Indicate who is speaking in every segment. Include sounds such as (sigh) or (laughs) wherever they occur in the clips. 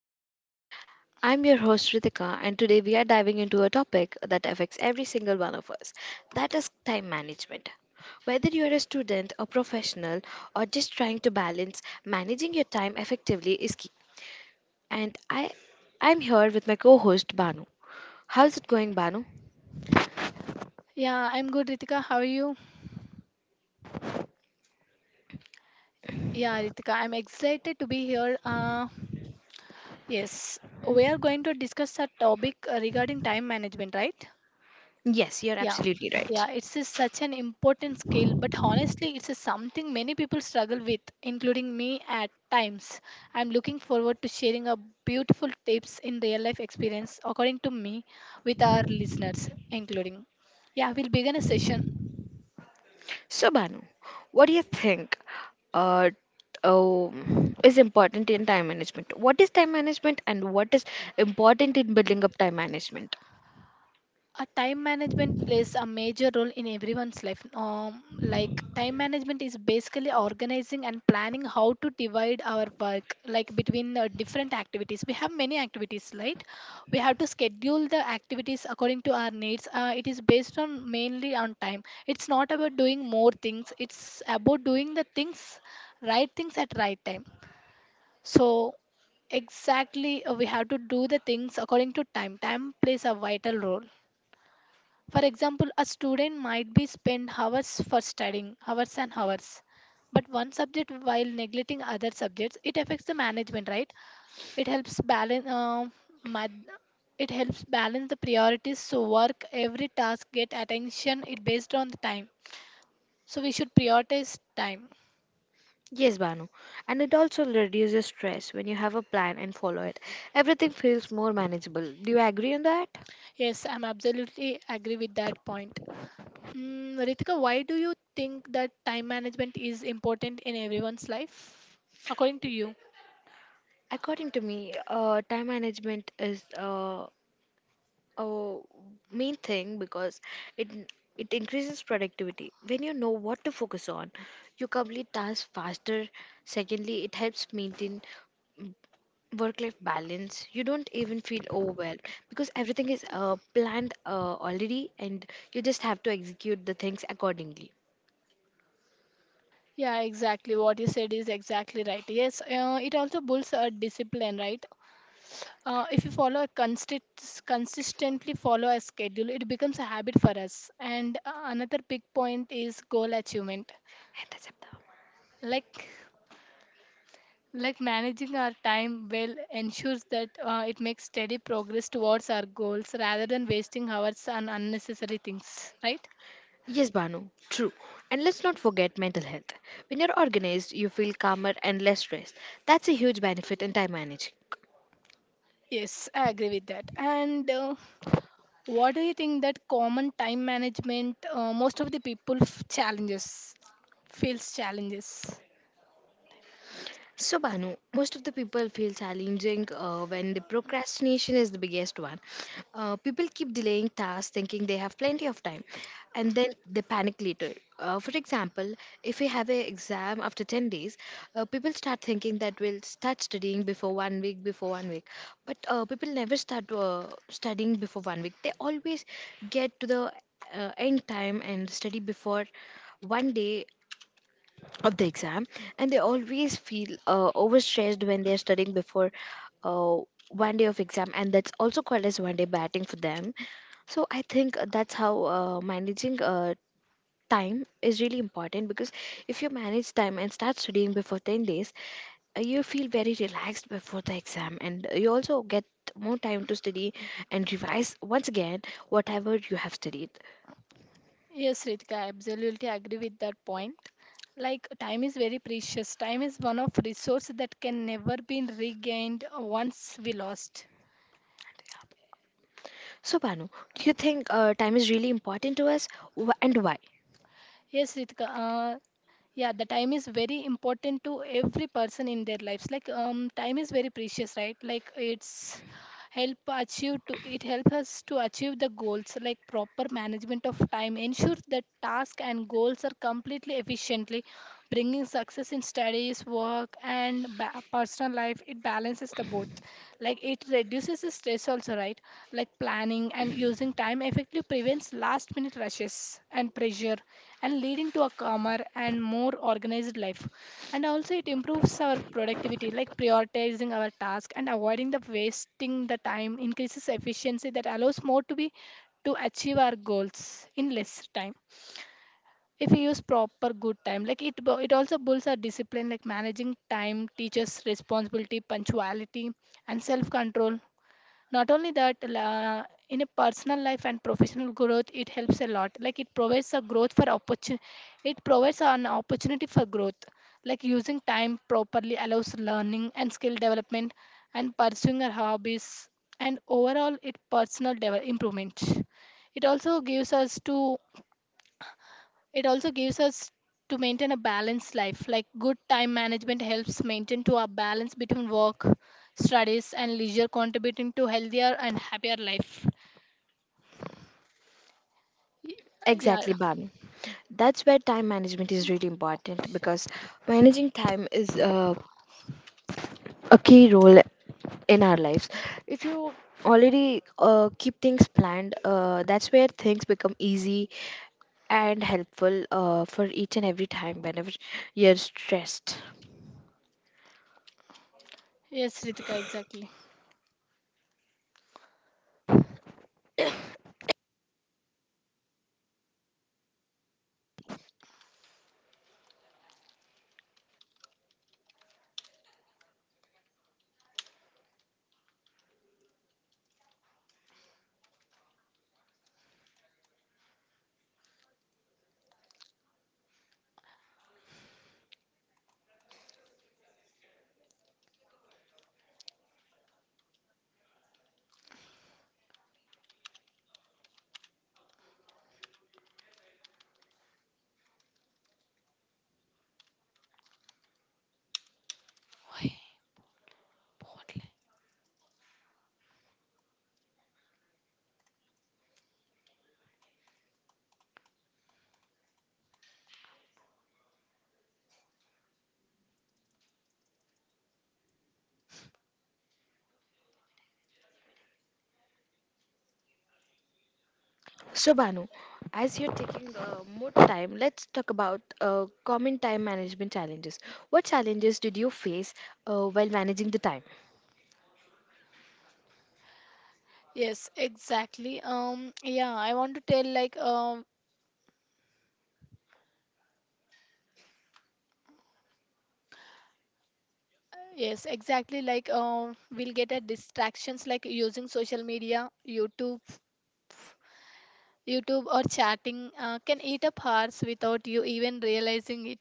Speaker 1: podcast. I'm your host, Ritika, and today we are diving into a topic that affects every single one of us, that is time management. Whether you are a student, a professional, or just trying to balance, managing your time effectively is key. And I'm here with my co host, Banu. How's it going, Banu?
Speaker 2: Yeah, I'm good, Ritika. How are you? Yeah, Ritika, I'm excited to be here. Yes, we are going to discuss a topic regarding time management, right?
Speaker 1: Yes, you're
Speaker 2: Yeah,
Speaker 1: absolutely right.
Speaker 2: yeah, it's a, such an important skill, but honestly, it's a something many people struggle with, including me at times. I'm looking forward to sharing a beautiful tips in real life experience, according to me, with our listeners, including. Yeah, we'll begin a session.
Speaker 1: So, Banu, what do you think uh, is important in time management? What is time management and what is important in building up time management?
Speaker 2: A time management plays a major role in everyone's life like time management is basically organizing and planning how to divide our work, like between different activities. We have many activities, right? We have to schedule the activities according to our needs. It is based on mainly on time. It's not about doing more things, it's about doing the things right things at right time. So exactly, we have to do the things according to time. Time plays a vital role. For example, a student might be spend hours for studying, hours and hours. But one subject while neglecting other subjects, it affects the management, right? It helps balance mad- it helps balance the priorities, so work every task get attention, it based on the time. So we should prioritize time.
Speaker 1: Yes, Banu. And it also reduces stress when you have a plan and follow it. Everything feels more manageable. Do you agree on that?
Speaker 2: Yes, I'm absolutely agree with that point. Mm, Ritika, why do you think that time management is important in everyone's life? According to you?
Speaker 1: According to me, time management is. Oh, main thing because it it increases productivity. When you know what to focus on, you complete tasks faster. Secondly, it helps maintain work life balance. You don't even feel overwhelmed because everything is planned already, and you just have to execute the things accordingly.
Speaker 2: Yeah, exactly. What you said is exactly right. Yes, it also builds a discipline, right? If you follow a consistently follow a schedule, it becomes a habit for us. And another big point is goal achievement.
Speaker 1: And that's it.
Speaker 2: Like like managing our time well ensures that it makes steady progress towards our goals rather than wasting hours on unnecessary things, right?
Speaker 1: Yes, Banu, true. And let's not forget mental health. When you're organized, you feel calmer and less stressed. That's a huge benefit in time managing.
Speaker 2: Yes, I agree with that. And what do you think that common time management most of the people challenges feels challenges?
Speaker 1: So, Banu, most of the people feel challenging when the procrastination is the biggest one. People keep delaying tasks thinking they have plenty of time, and then they panic later. For example, if we have an exam after 10 days, people start thinking that we'll start studying before one week, before one week. But people never start studying before one week. They always get to the end time and study before one day of the exam, and they always feel overstressed when they're studying before uh, one day of exam, and that's also called as one day batting for them. So I think that's how managing time is really important, because if you manage time and start studying before 10 days, you feel very relaxed before the exam, and you also get more time to study and revise once again whatever you have studied.
Speaker 2: Yes, Ritika, I absolutely agree with that point. Like time is very precious. Time is one of resource that can never be regained once we lost.
Speaker 1: So Banu, do you think time is really important to us? And why?
Speaker 2: Yes, Ritika. Yeah, the time is very important to every person in their lives, like time is very precious, right? Like it's help achieve to it help us to achieve the goals, like proper management of time ensures that tasks and goals are completely efficiently, bringing success in studies, work and personal life. It balances the both, like it reduces the stress also, right? Like planning and using time effectively prevents last minute rushes and pressure and leading to a calmer and more organized life. And also, it improves our productivity, like prioritizing our task and avoiding the wasting the time increases efficiency that allows more to be to achieve our goals in less time. If we use proper good time, like it it also builds our discipline, like managing time teaches responsibility, punctuality and self control. Not only that, in a personal life and professional growth, it helps a lot. Like it provides a growth for opportunity, it provides an opportunity for growth, like using time properly allows learning and skill development and pursuing our hobbies and overall it personal improvement. It also gives us to it also gives us to maintain a balanced life, like good time management helps maintain to a balance between work, studies and leisure, contributing to healthier and happier life. Y- yeah.
Speaker 1: Exactly, Banu. That's where time management is really important because managing time is a key role in our lives. If you already keep things planned, that's where things become easy and helpful for each and every time whenever you're stressed.
Speaker 2: Yes, Ritika, exactly. Why? Portland.
Speaker 1: So, Banu, as you're taking more time, let's talk about common time management challenges. What challenges did you face while managing the time?
Speaker 2: Yes exactly, yeah, I want to tell like yes exactly, like we'll get at distractions, like using social media, YouTube or chatting can eat up hours without you even realizing it.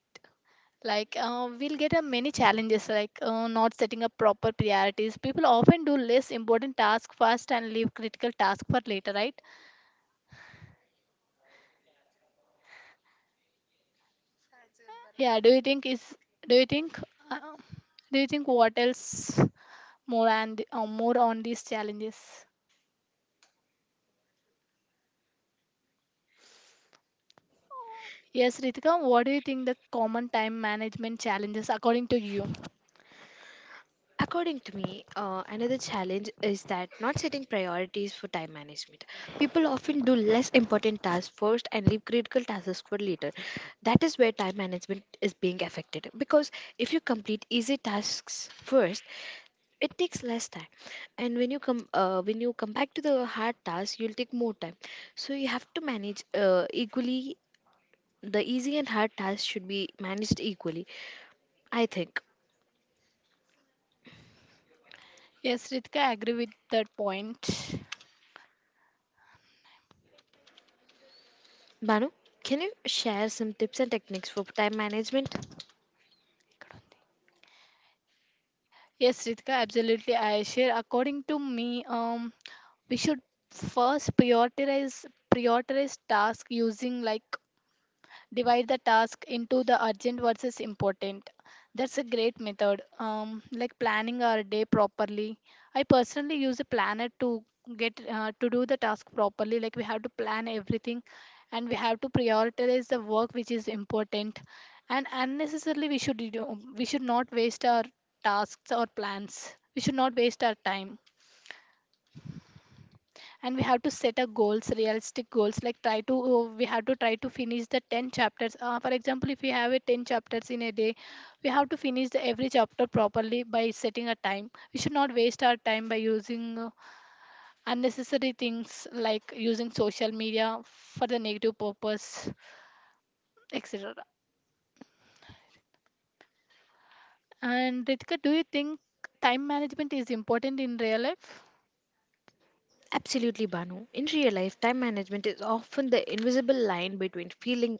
Speaker 2: Like we'll get many challenges, like not setting up proper priorities. People often do less important task first and leave critical task for later, right? Yeah. Do you think uh, do you think what else more and more on these challenges? Yes, Ritika. What do you think the common time management challenges according to you?
Speaker 1: According to me, another challenge is that not setting priorities for time management. People often do less important tasks first and leave critical tasks for later. That is where time management is being affected, because if you complete easy tasks first, it takes less time, and when you come back to the hard task, you'll take more time. So you have to manage equally, the easy and hard tasks should be managed equally, I think.
Speaker 2: Yes, Ritika, I agree with that point.
Speaker 1: Banu, can you share some tips and techniques for time management?
Speaker 2: Yes, Ritika, absolutely. I share. According to me, we should first prioritize task using like divide the task into the urgent versus important. That's a great method, like planning our day properly. I personally use a planner to get to do the task properly. Like we have to plan everything, and we have to prioritize the work which is important, and unnecessarily we should not waste our tasks or plans. We should not waste our time, and we have to set a goals, realistic goals, like try to we have to try to finish the 10 chapters, for example, if we have a 10 chapters in a day, we have to finish the every chapter properly by setting a time. We should not waste our time by using unnecessary things like using social media for the negative purpose, etc. And Ritika, do you think time management is important in real life?
Speaker 1: Absolutely, Banu. In real life, time management is often the invisible line between feeling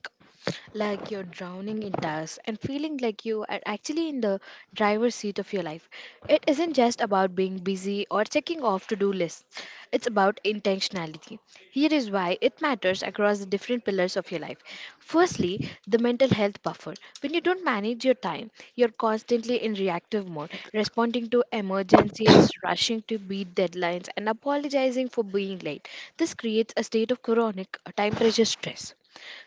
Speaker 1: like you're drowning in tasks and feeling like you are actually in the driver's seat of your life. It isn't just about being busy or checking off to do lists, it's about intentionality. Here is why it matters across the different pillars of your life. Firstly, the mental health buffer. When you don't manage your time, you're constantly in reactive mode, responding to emergencies, rushing to beat deadlines, and apologizing for being late. This creates a state of chronic time pressure stress.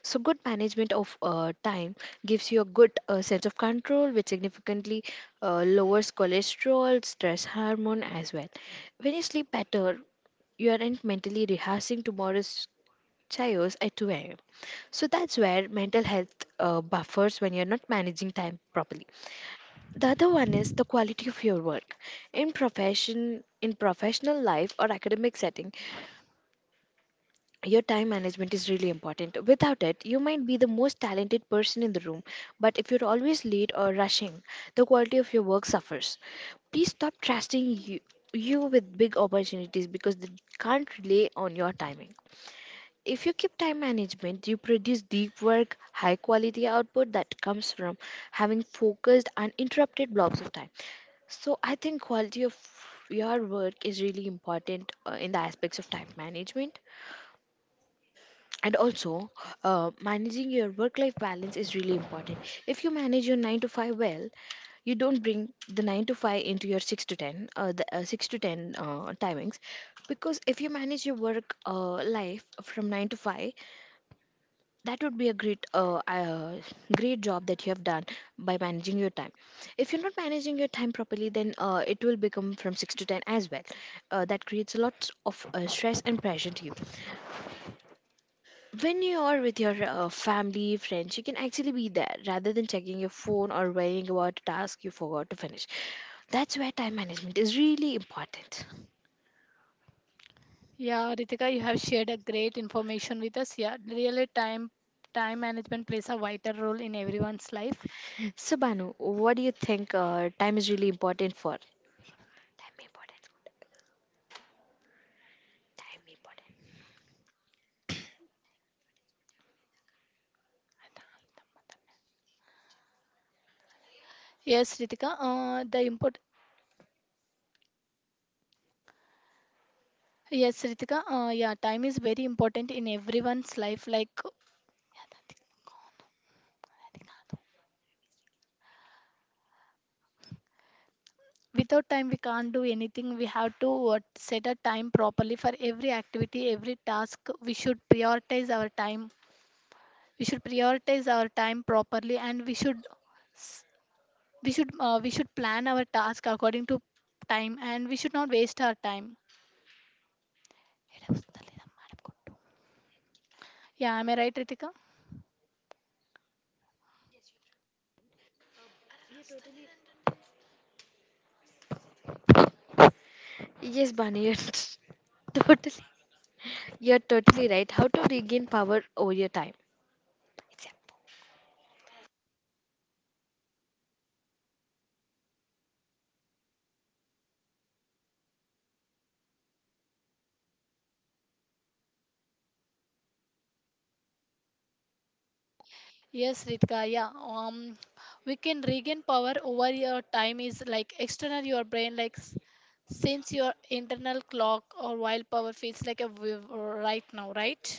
Speaker 1: So, good management of time gives you a good sense of control, which significantly lowers cholesterol, stress hormone as well. When you sleep better, you aren't mentally rehearsing tomorrow's chairs at 2 a.m. So that's where mental health buffers when you're not managing time properly. The other one is the quality of your work. In professional life or academic setting, your time management is really important. Without it, you might be the most talented person in the room, but if you're always late or rushing, the quality of your work suffers. Please stop trusting you with big opportunities, because they can't rely on your timing. If you keep time management, you produce deep work, high quality output that comes from having focused and interrupted blocks of time. So I think quality of your work is really important in the aspects of time management. And also, managing your work life balance is really important. If you manage your 9 to 5 well, you don't bring the 9 to 5 into your 6 to 10, the 6 to 10 timings, because if you manage your work life from 9 to 5, that would be a great job that you have done by managing your time. If you're not managing your time properly, then it will become from 6 to 10 as well. That creates lots of stress and pressure to you. When you are with your family, friends, you can actually be there rather than checking your phone or worrying about a task you forgot to finish. That's where time management is really important.
Speaker 2: Yeah, Ritika, you have shared a great information with us. Yeah, really time management plays a vital role in everyone's life.
Speaker 1: So Banu, what do you think, time is really important for time important time important
Speaker 2: Yes, Ritika. The import. Yes, Ritika. Yeah, time is very important in everyone's life. Like without time we can't do anything. We have to set a time properly for every activity, every task. we should prioritize our time we should prioritize our time properly, and we should plan our task according to time, and we should not waste our time. Yeah, am I right, Ritika?
Speaker 1: Yes, Bunny, you're (laughs) totally, you're totally right. How to regain power over your time.
Speaker 2: Yes, Ritika, yeah. We can regain power over your time is like external your brain, like since your internal clock or wild power feels like a right now, right?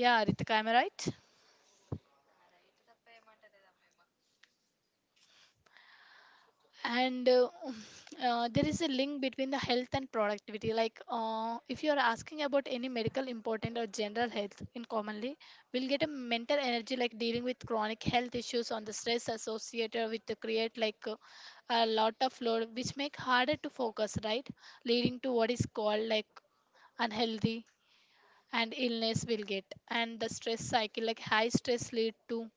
Speaker 2: Yeah, Ritika, am I right? And (sighs) (laughs) there is a link between the health and productivity, like if you are asking about any medical important or general health in commonly, we'll get a mental energy, like dealing with chronic health issues on the stress associated with the create, like a lot of load which make harder to focus, right? Leading to what is called like unhealthy, and illness will get, and the stress cycle, like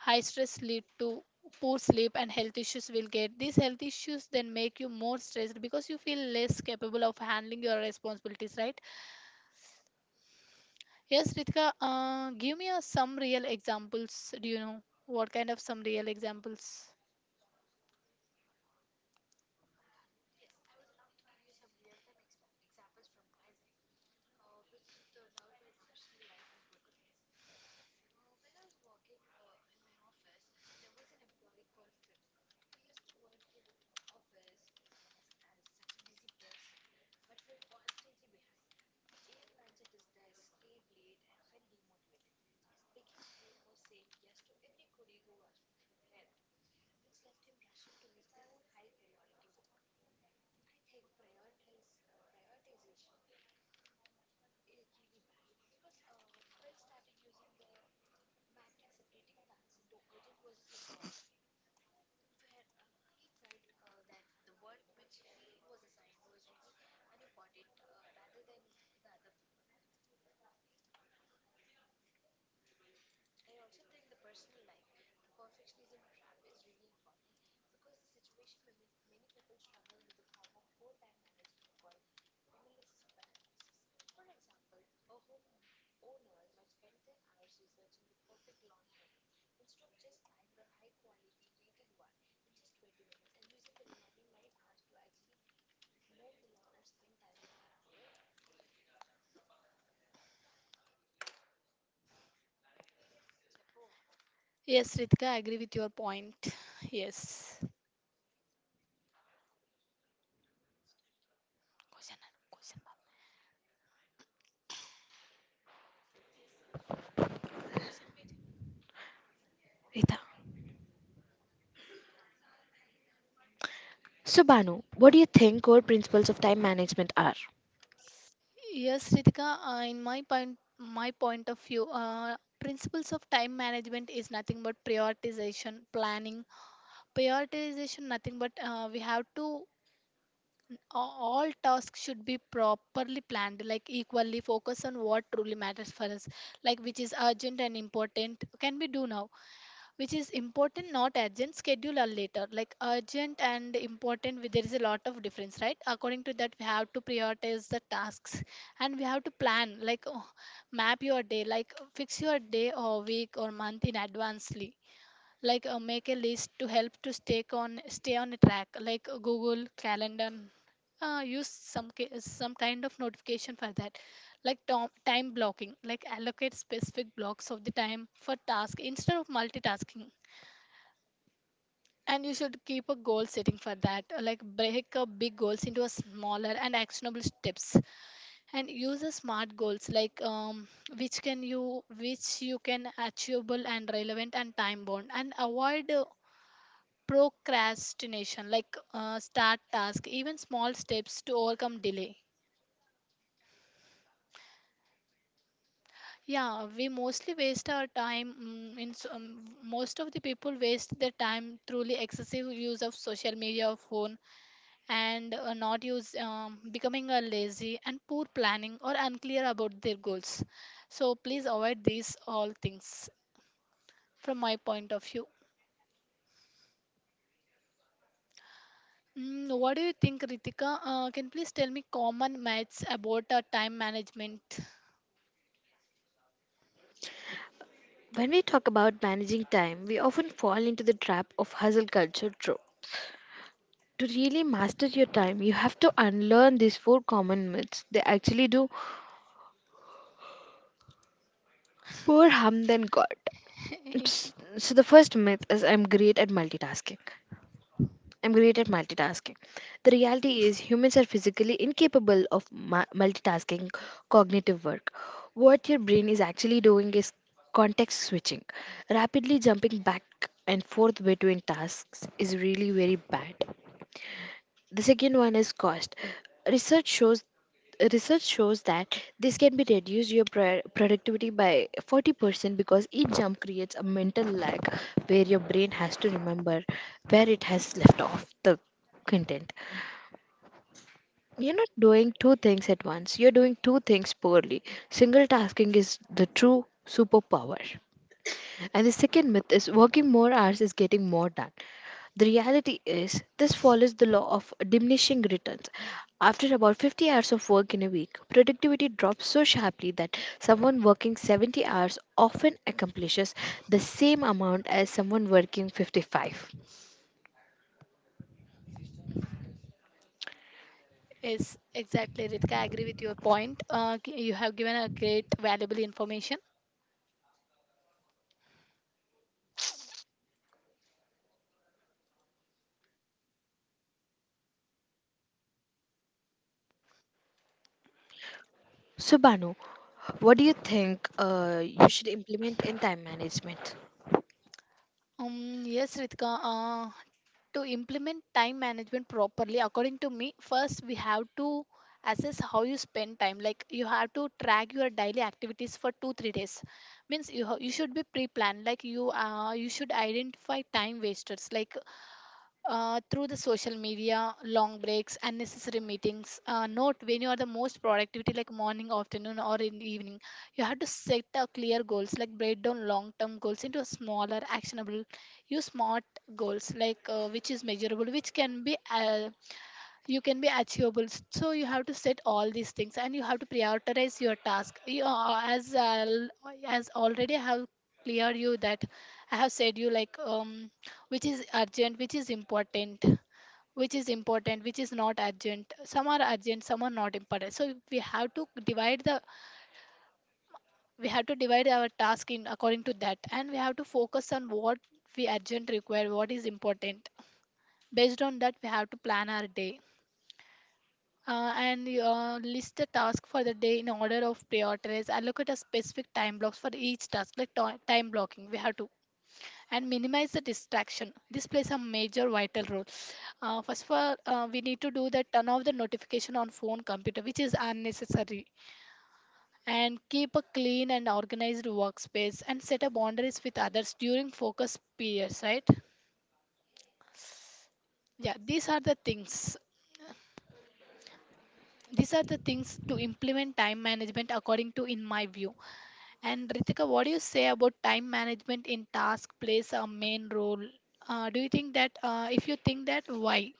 Speaker 2: high stress lead to poor sleep and health issues will get. These health issues then make you more stressed because you feel less capable of handling your responsibilities, right? Yes, Ritika, give me some real examples. Do you know what kind of some real examples? Yes, Ritika, I agree with your point. Yes. Question, question.
Speaker 1: Rita. So, Banu, what do you think core principles of time management are?
Speaker 2: Yes, Ritika, in my point of view, principles of time management is nothing but prioritization, planning, prioritization. Nothing but we have to all tasks should be properly planned, like equally focus on what truly matters for us, like which is urgent and important, can we do now, which is important not urgent, schedule or later. Like urgent and important, there is a lot of difference, right? According to that, we have to prioritize the tasks, and we have to plan, like oh, map your day, like fix your day or week or month in advance, like make a list to help to stay on a track, like google calendar. Use some some kind of notification for that, like time blocking, like allocate specific blocks of the time for task instead of multitasking. And you should keep a goal setting for that, like break up big goals into a smaller and actionable steps, and use a smart goals, like which can you which you can achievable and relevant and time bound, and avoid procrastination, like start task even small steps to overcome delay. Yeah, we mostly waste our time, in most of the people waste their time truly excessive use of social media or phone, and not use becoming a lazy and poor planning or unclear about their goals. So please avoid these all things, from my point of view. Mm, what do you think, Ritika? Can you please tell me common myths about time management?
Speaker 1: When we talk about managing time, we often fall into the trap of hustle culture trope. To really master your time, you have to unlearn these four common myths. They actually do more harm than good. Psst.
Speaker 2: (laughs)
Speaker 1: So, the first myth is I'm great at multitasking. I'm great at multitasking. The reality is, humans are physically incapable of multitasking cognitive work. What your brain is actually doing is context switching. Rapidly jumping back and forth between tasks is really very bad. The second one is cost. Research shows research shows that this can be reduced your productivity by 40%, because each jump creates a mental lag where your brain has to remember where it has left off the content. You're not doing two things at once, you're doing two things poorly. Single tasking is the true superpower. And the second myth is working more hours is getting more done. The reality is, this follows the law of diminishing returns. After about 50 hours of work in a week, productivity drops so sharply that someone working 70 hours often accomplishes the same amount as someone working 55.
Speaker 2: Yes, exactly, Ritika. I agree with your point. You have given a great valuable information.
Speaker 1: So, Banu, what do you think you should implement in time management?
Speaker 2: Yes, Ritika. To implement time management properly, according to me, first we have to assess how you spend time. Like you have to track your daily activities for 2 3 days. Means you you should be pre-planned. Like you you should identify time wasters. Like through the social media, long breaks, unnecessary meetings. Note when you are the most productivity, like morning, afternoon, or in evening, you have to set a clear goals, like break down long-term goals into smaller, actionable, use smart goals, like which is measurable, which can be you can be achievable, so you have to set all these things and you have to prioritize your task you, as already I have cleared you that I have said you like which is urgent, which is important, which is important, which is not urgent, some are urgent, some are not important, so we have to divide the, we have to divide our task in according to that, and we have to focus on what we urgent require, what is important. Based on that, we have to plan our day. List the task for the day in order of priorities. Allocate a specific time blocks for each task, like time blocking. We have to, and minimize the distraction. This plays a major vital role. First of all, we need to do that turn off the notification on phone, computer, which is unnecessary, and keep a clean and organized workspace and set up boundaries with others during focus periods. Right? Yeah, these are the things. These are the things to implement time management according to in my view. And Ritika, what do you say about time management in task plays a main role? Do you think that, If you think that, why?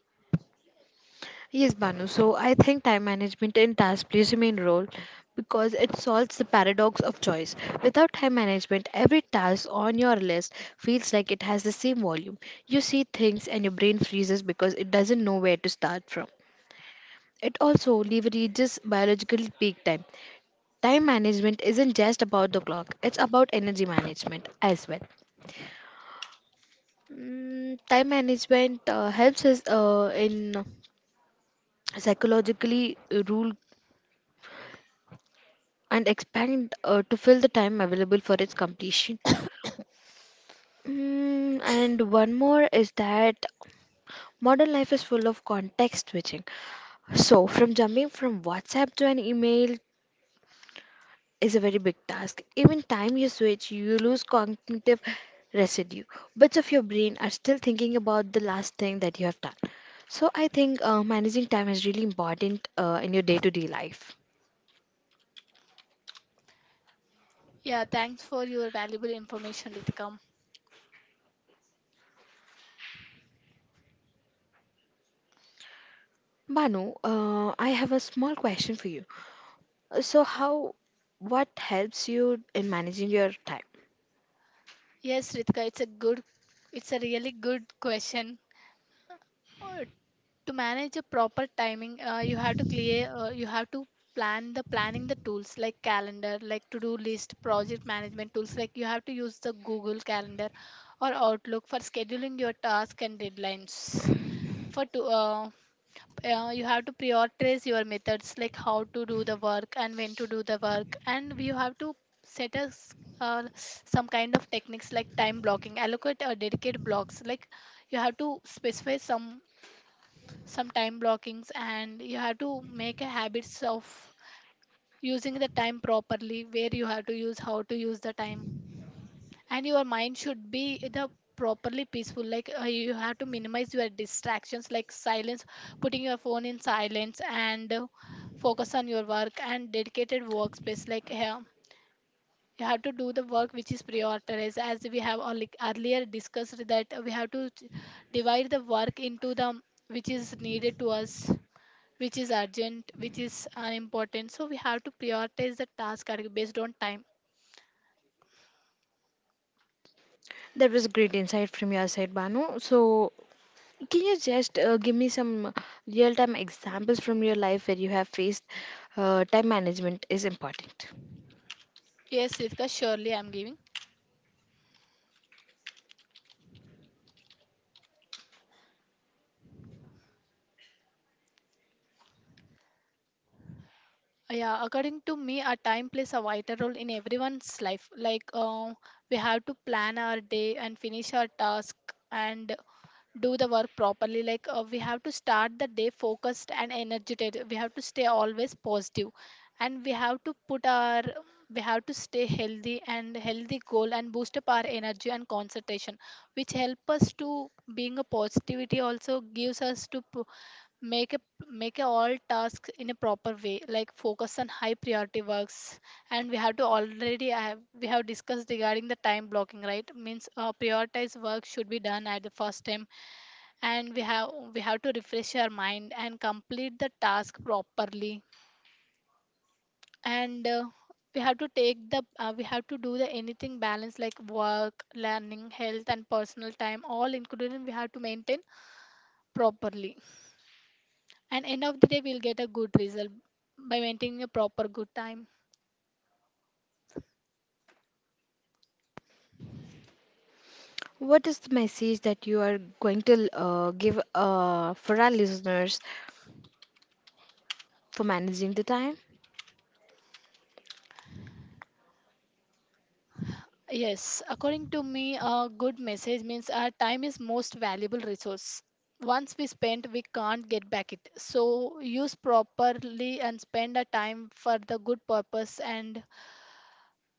Speaker 1: Yes, Banu. So I think time management in task plays a main role because it solves the paradox of choice. Without time management, every task on your list feels like it has the same volume. You see things and your brain freezes because it doesn't know where to start from. It also leverages biological peak time. Time management isn't just about the clock, it's about energy management as well. Mm, time management helps us in psychologically rule and expand to fill the time available for its completion. Mm, and one more is that modern life is full of context switching. So, from jumping from WhatsApp to an email is a very big task. Even time you switch, you lose cognitive residue. Bits of your brain are still thinking about the last thing that you have done. So, I think managing time is really important in your day to day life.
Speaker 2: Yeah, thanks for your valuable information, Ritika.
Speaker 1: Banu, I have a small question for you. So, how what helps you in managing your time?
Speaker 2: Yes, Ritika, it's a really good question. Uh, to manage a proper timing, you have to planning the tools like calendar, like to do list, project management tools. Like you have to use the Google Calendar or Outlook for scheduling your tasks and deadlines. For to, you have to prioritize your methods, like how to do the work and when to do the work, and you have to set us, uh, some kind of techniques like time blocking, allocate or dedicate blocks. Like you have to specify some time blockings, and you have to make a habits of using the time properly, where you have to use how to use the time, and your mind should be the properly peaceful. Like you have to minimize your distractions, like silence, putting your phone in silence, and focus on your work and dedicated workspace. Like here you have to do the work which is prioritized, as we have earlier discussed, that we have to divide the work into the, which is needed to us, which is urgent, which is important. So we have to prioritize the task based on time.
Speaker 1: That was great insight from your side, Banu. So, can you just give me some real time examples from your life where you have faced time management is important?
Speaker 2: Yes, Ritika, surely I'm giving. Yeah, according to me, our time plays a vital role in everyone's life. Like, we have to plan our day and finish our task, and do the work properly. Like we have to start the day focused and energetic, we have to stay always positive, and we have to put our, we have to stay healthy, and healthy goal, and boost up our energy and concentration, which help us to, being a positivity also gives us to make a, make a all tasks in a proper way, like focus on high priority works. And we have to, we have discussed regarding the time blocking, right? Means prioritize work should be done at the first time, and we have to refresh our mind and complete the task properly, and we have to take the we have to do the anything balance, like work, learning, health, and personal time all included, and we have to maintain properly, and end of the day we'll get a good result by maintaining a proper good time.
Speaker 1: What is the message that you are going to give for our listeners for managing the time?
Speaker 2: Yes, according to me, a good message means our time is most valuable resource. Once we spend, we can't get back it. So use properly and spend our time for the good purpose, and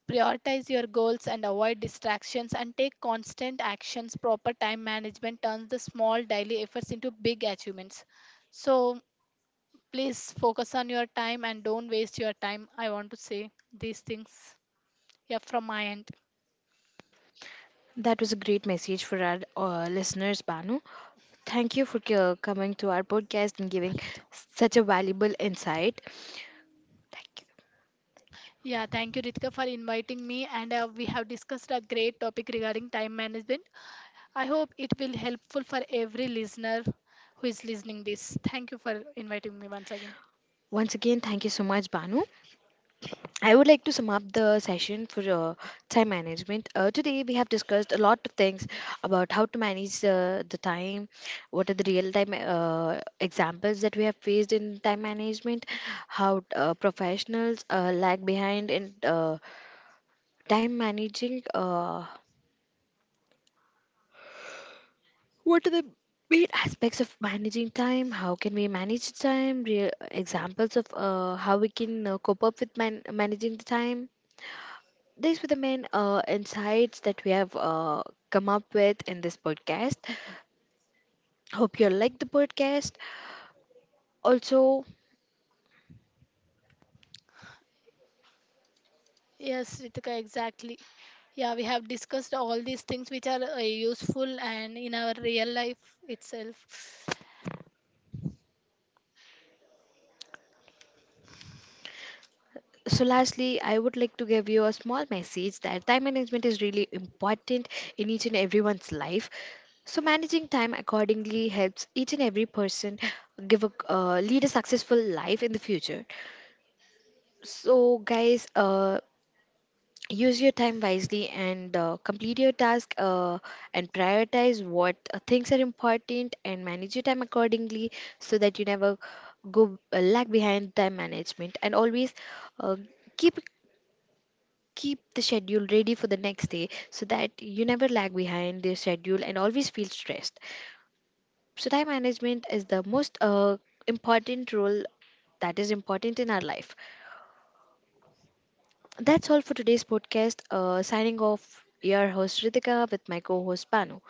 Speaker 2: prioritize your goals and avoid distractions and take constant actions. Proper time management turns the small daily efforts into big achievements. So please focus on your time and don't waste your time. I want to say these things. Yeah, from my end.
Speaker 1: That was a great message for our listeners, Banu. Thank you for coming to our podcast and giving such a valuable insight. Thank you.
Speaker 2: Yeah, thank you, Ritika, for inviting me. And we have discussed a great topic regarding time management. I hope it will helpful for every listener who is listening this. Thank you for inviting me once again.
Speaker 1: Once again, thank you so much, Banu. I would like to sum up the session for time management. Today, we have discussed a lot of things about how to manage the time, what are the real time examples that we have faced in time management, how professionals lag behind in time managing, what are the main aspects of managing time, how can we manage time, real examples of how we can cope up with managing the time. These were the main insights that we have come up with in this podcast. Hope you like the podcast. Also,
Speaker 2: Yes, Ritika, exactly. Yeah, we have discussed all these things which are useful and in our real life itself.
Speaker 1: so lastly, I would like to give you a small message that time management is really important in each and everyone's life. So managing time accordingly helps each and every person give a lead a successful life in the future. So guys, use your time wisely and complete your task and prioritize what things are important and manage your time accordingly, so that you never go lag behind time management, and always uh, keep keep the schedule ready for the next day, so that you never lag behind the schedule and always feel stressed. So time management is the most important role that is important in our life. That's all for today's podcast. Signing off, your host Ritika with my co host Panu.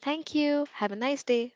Speaker 1: Thank you. Have a nice day.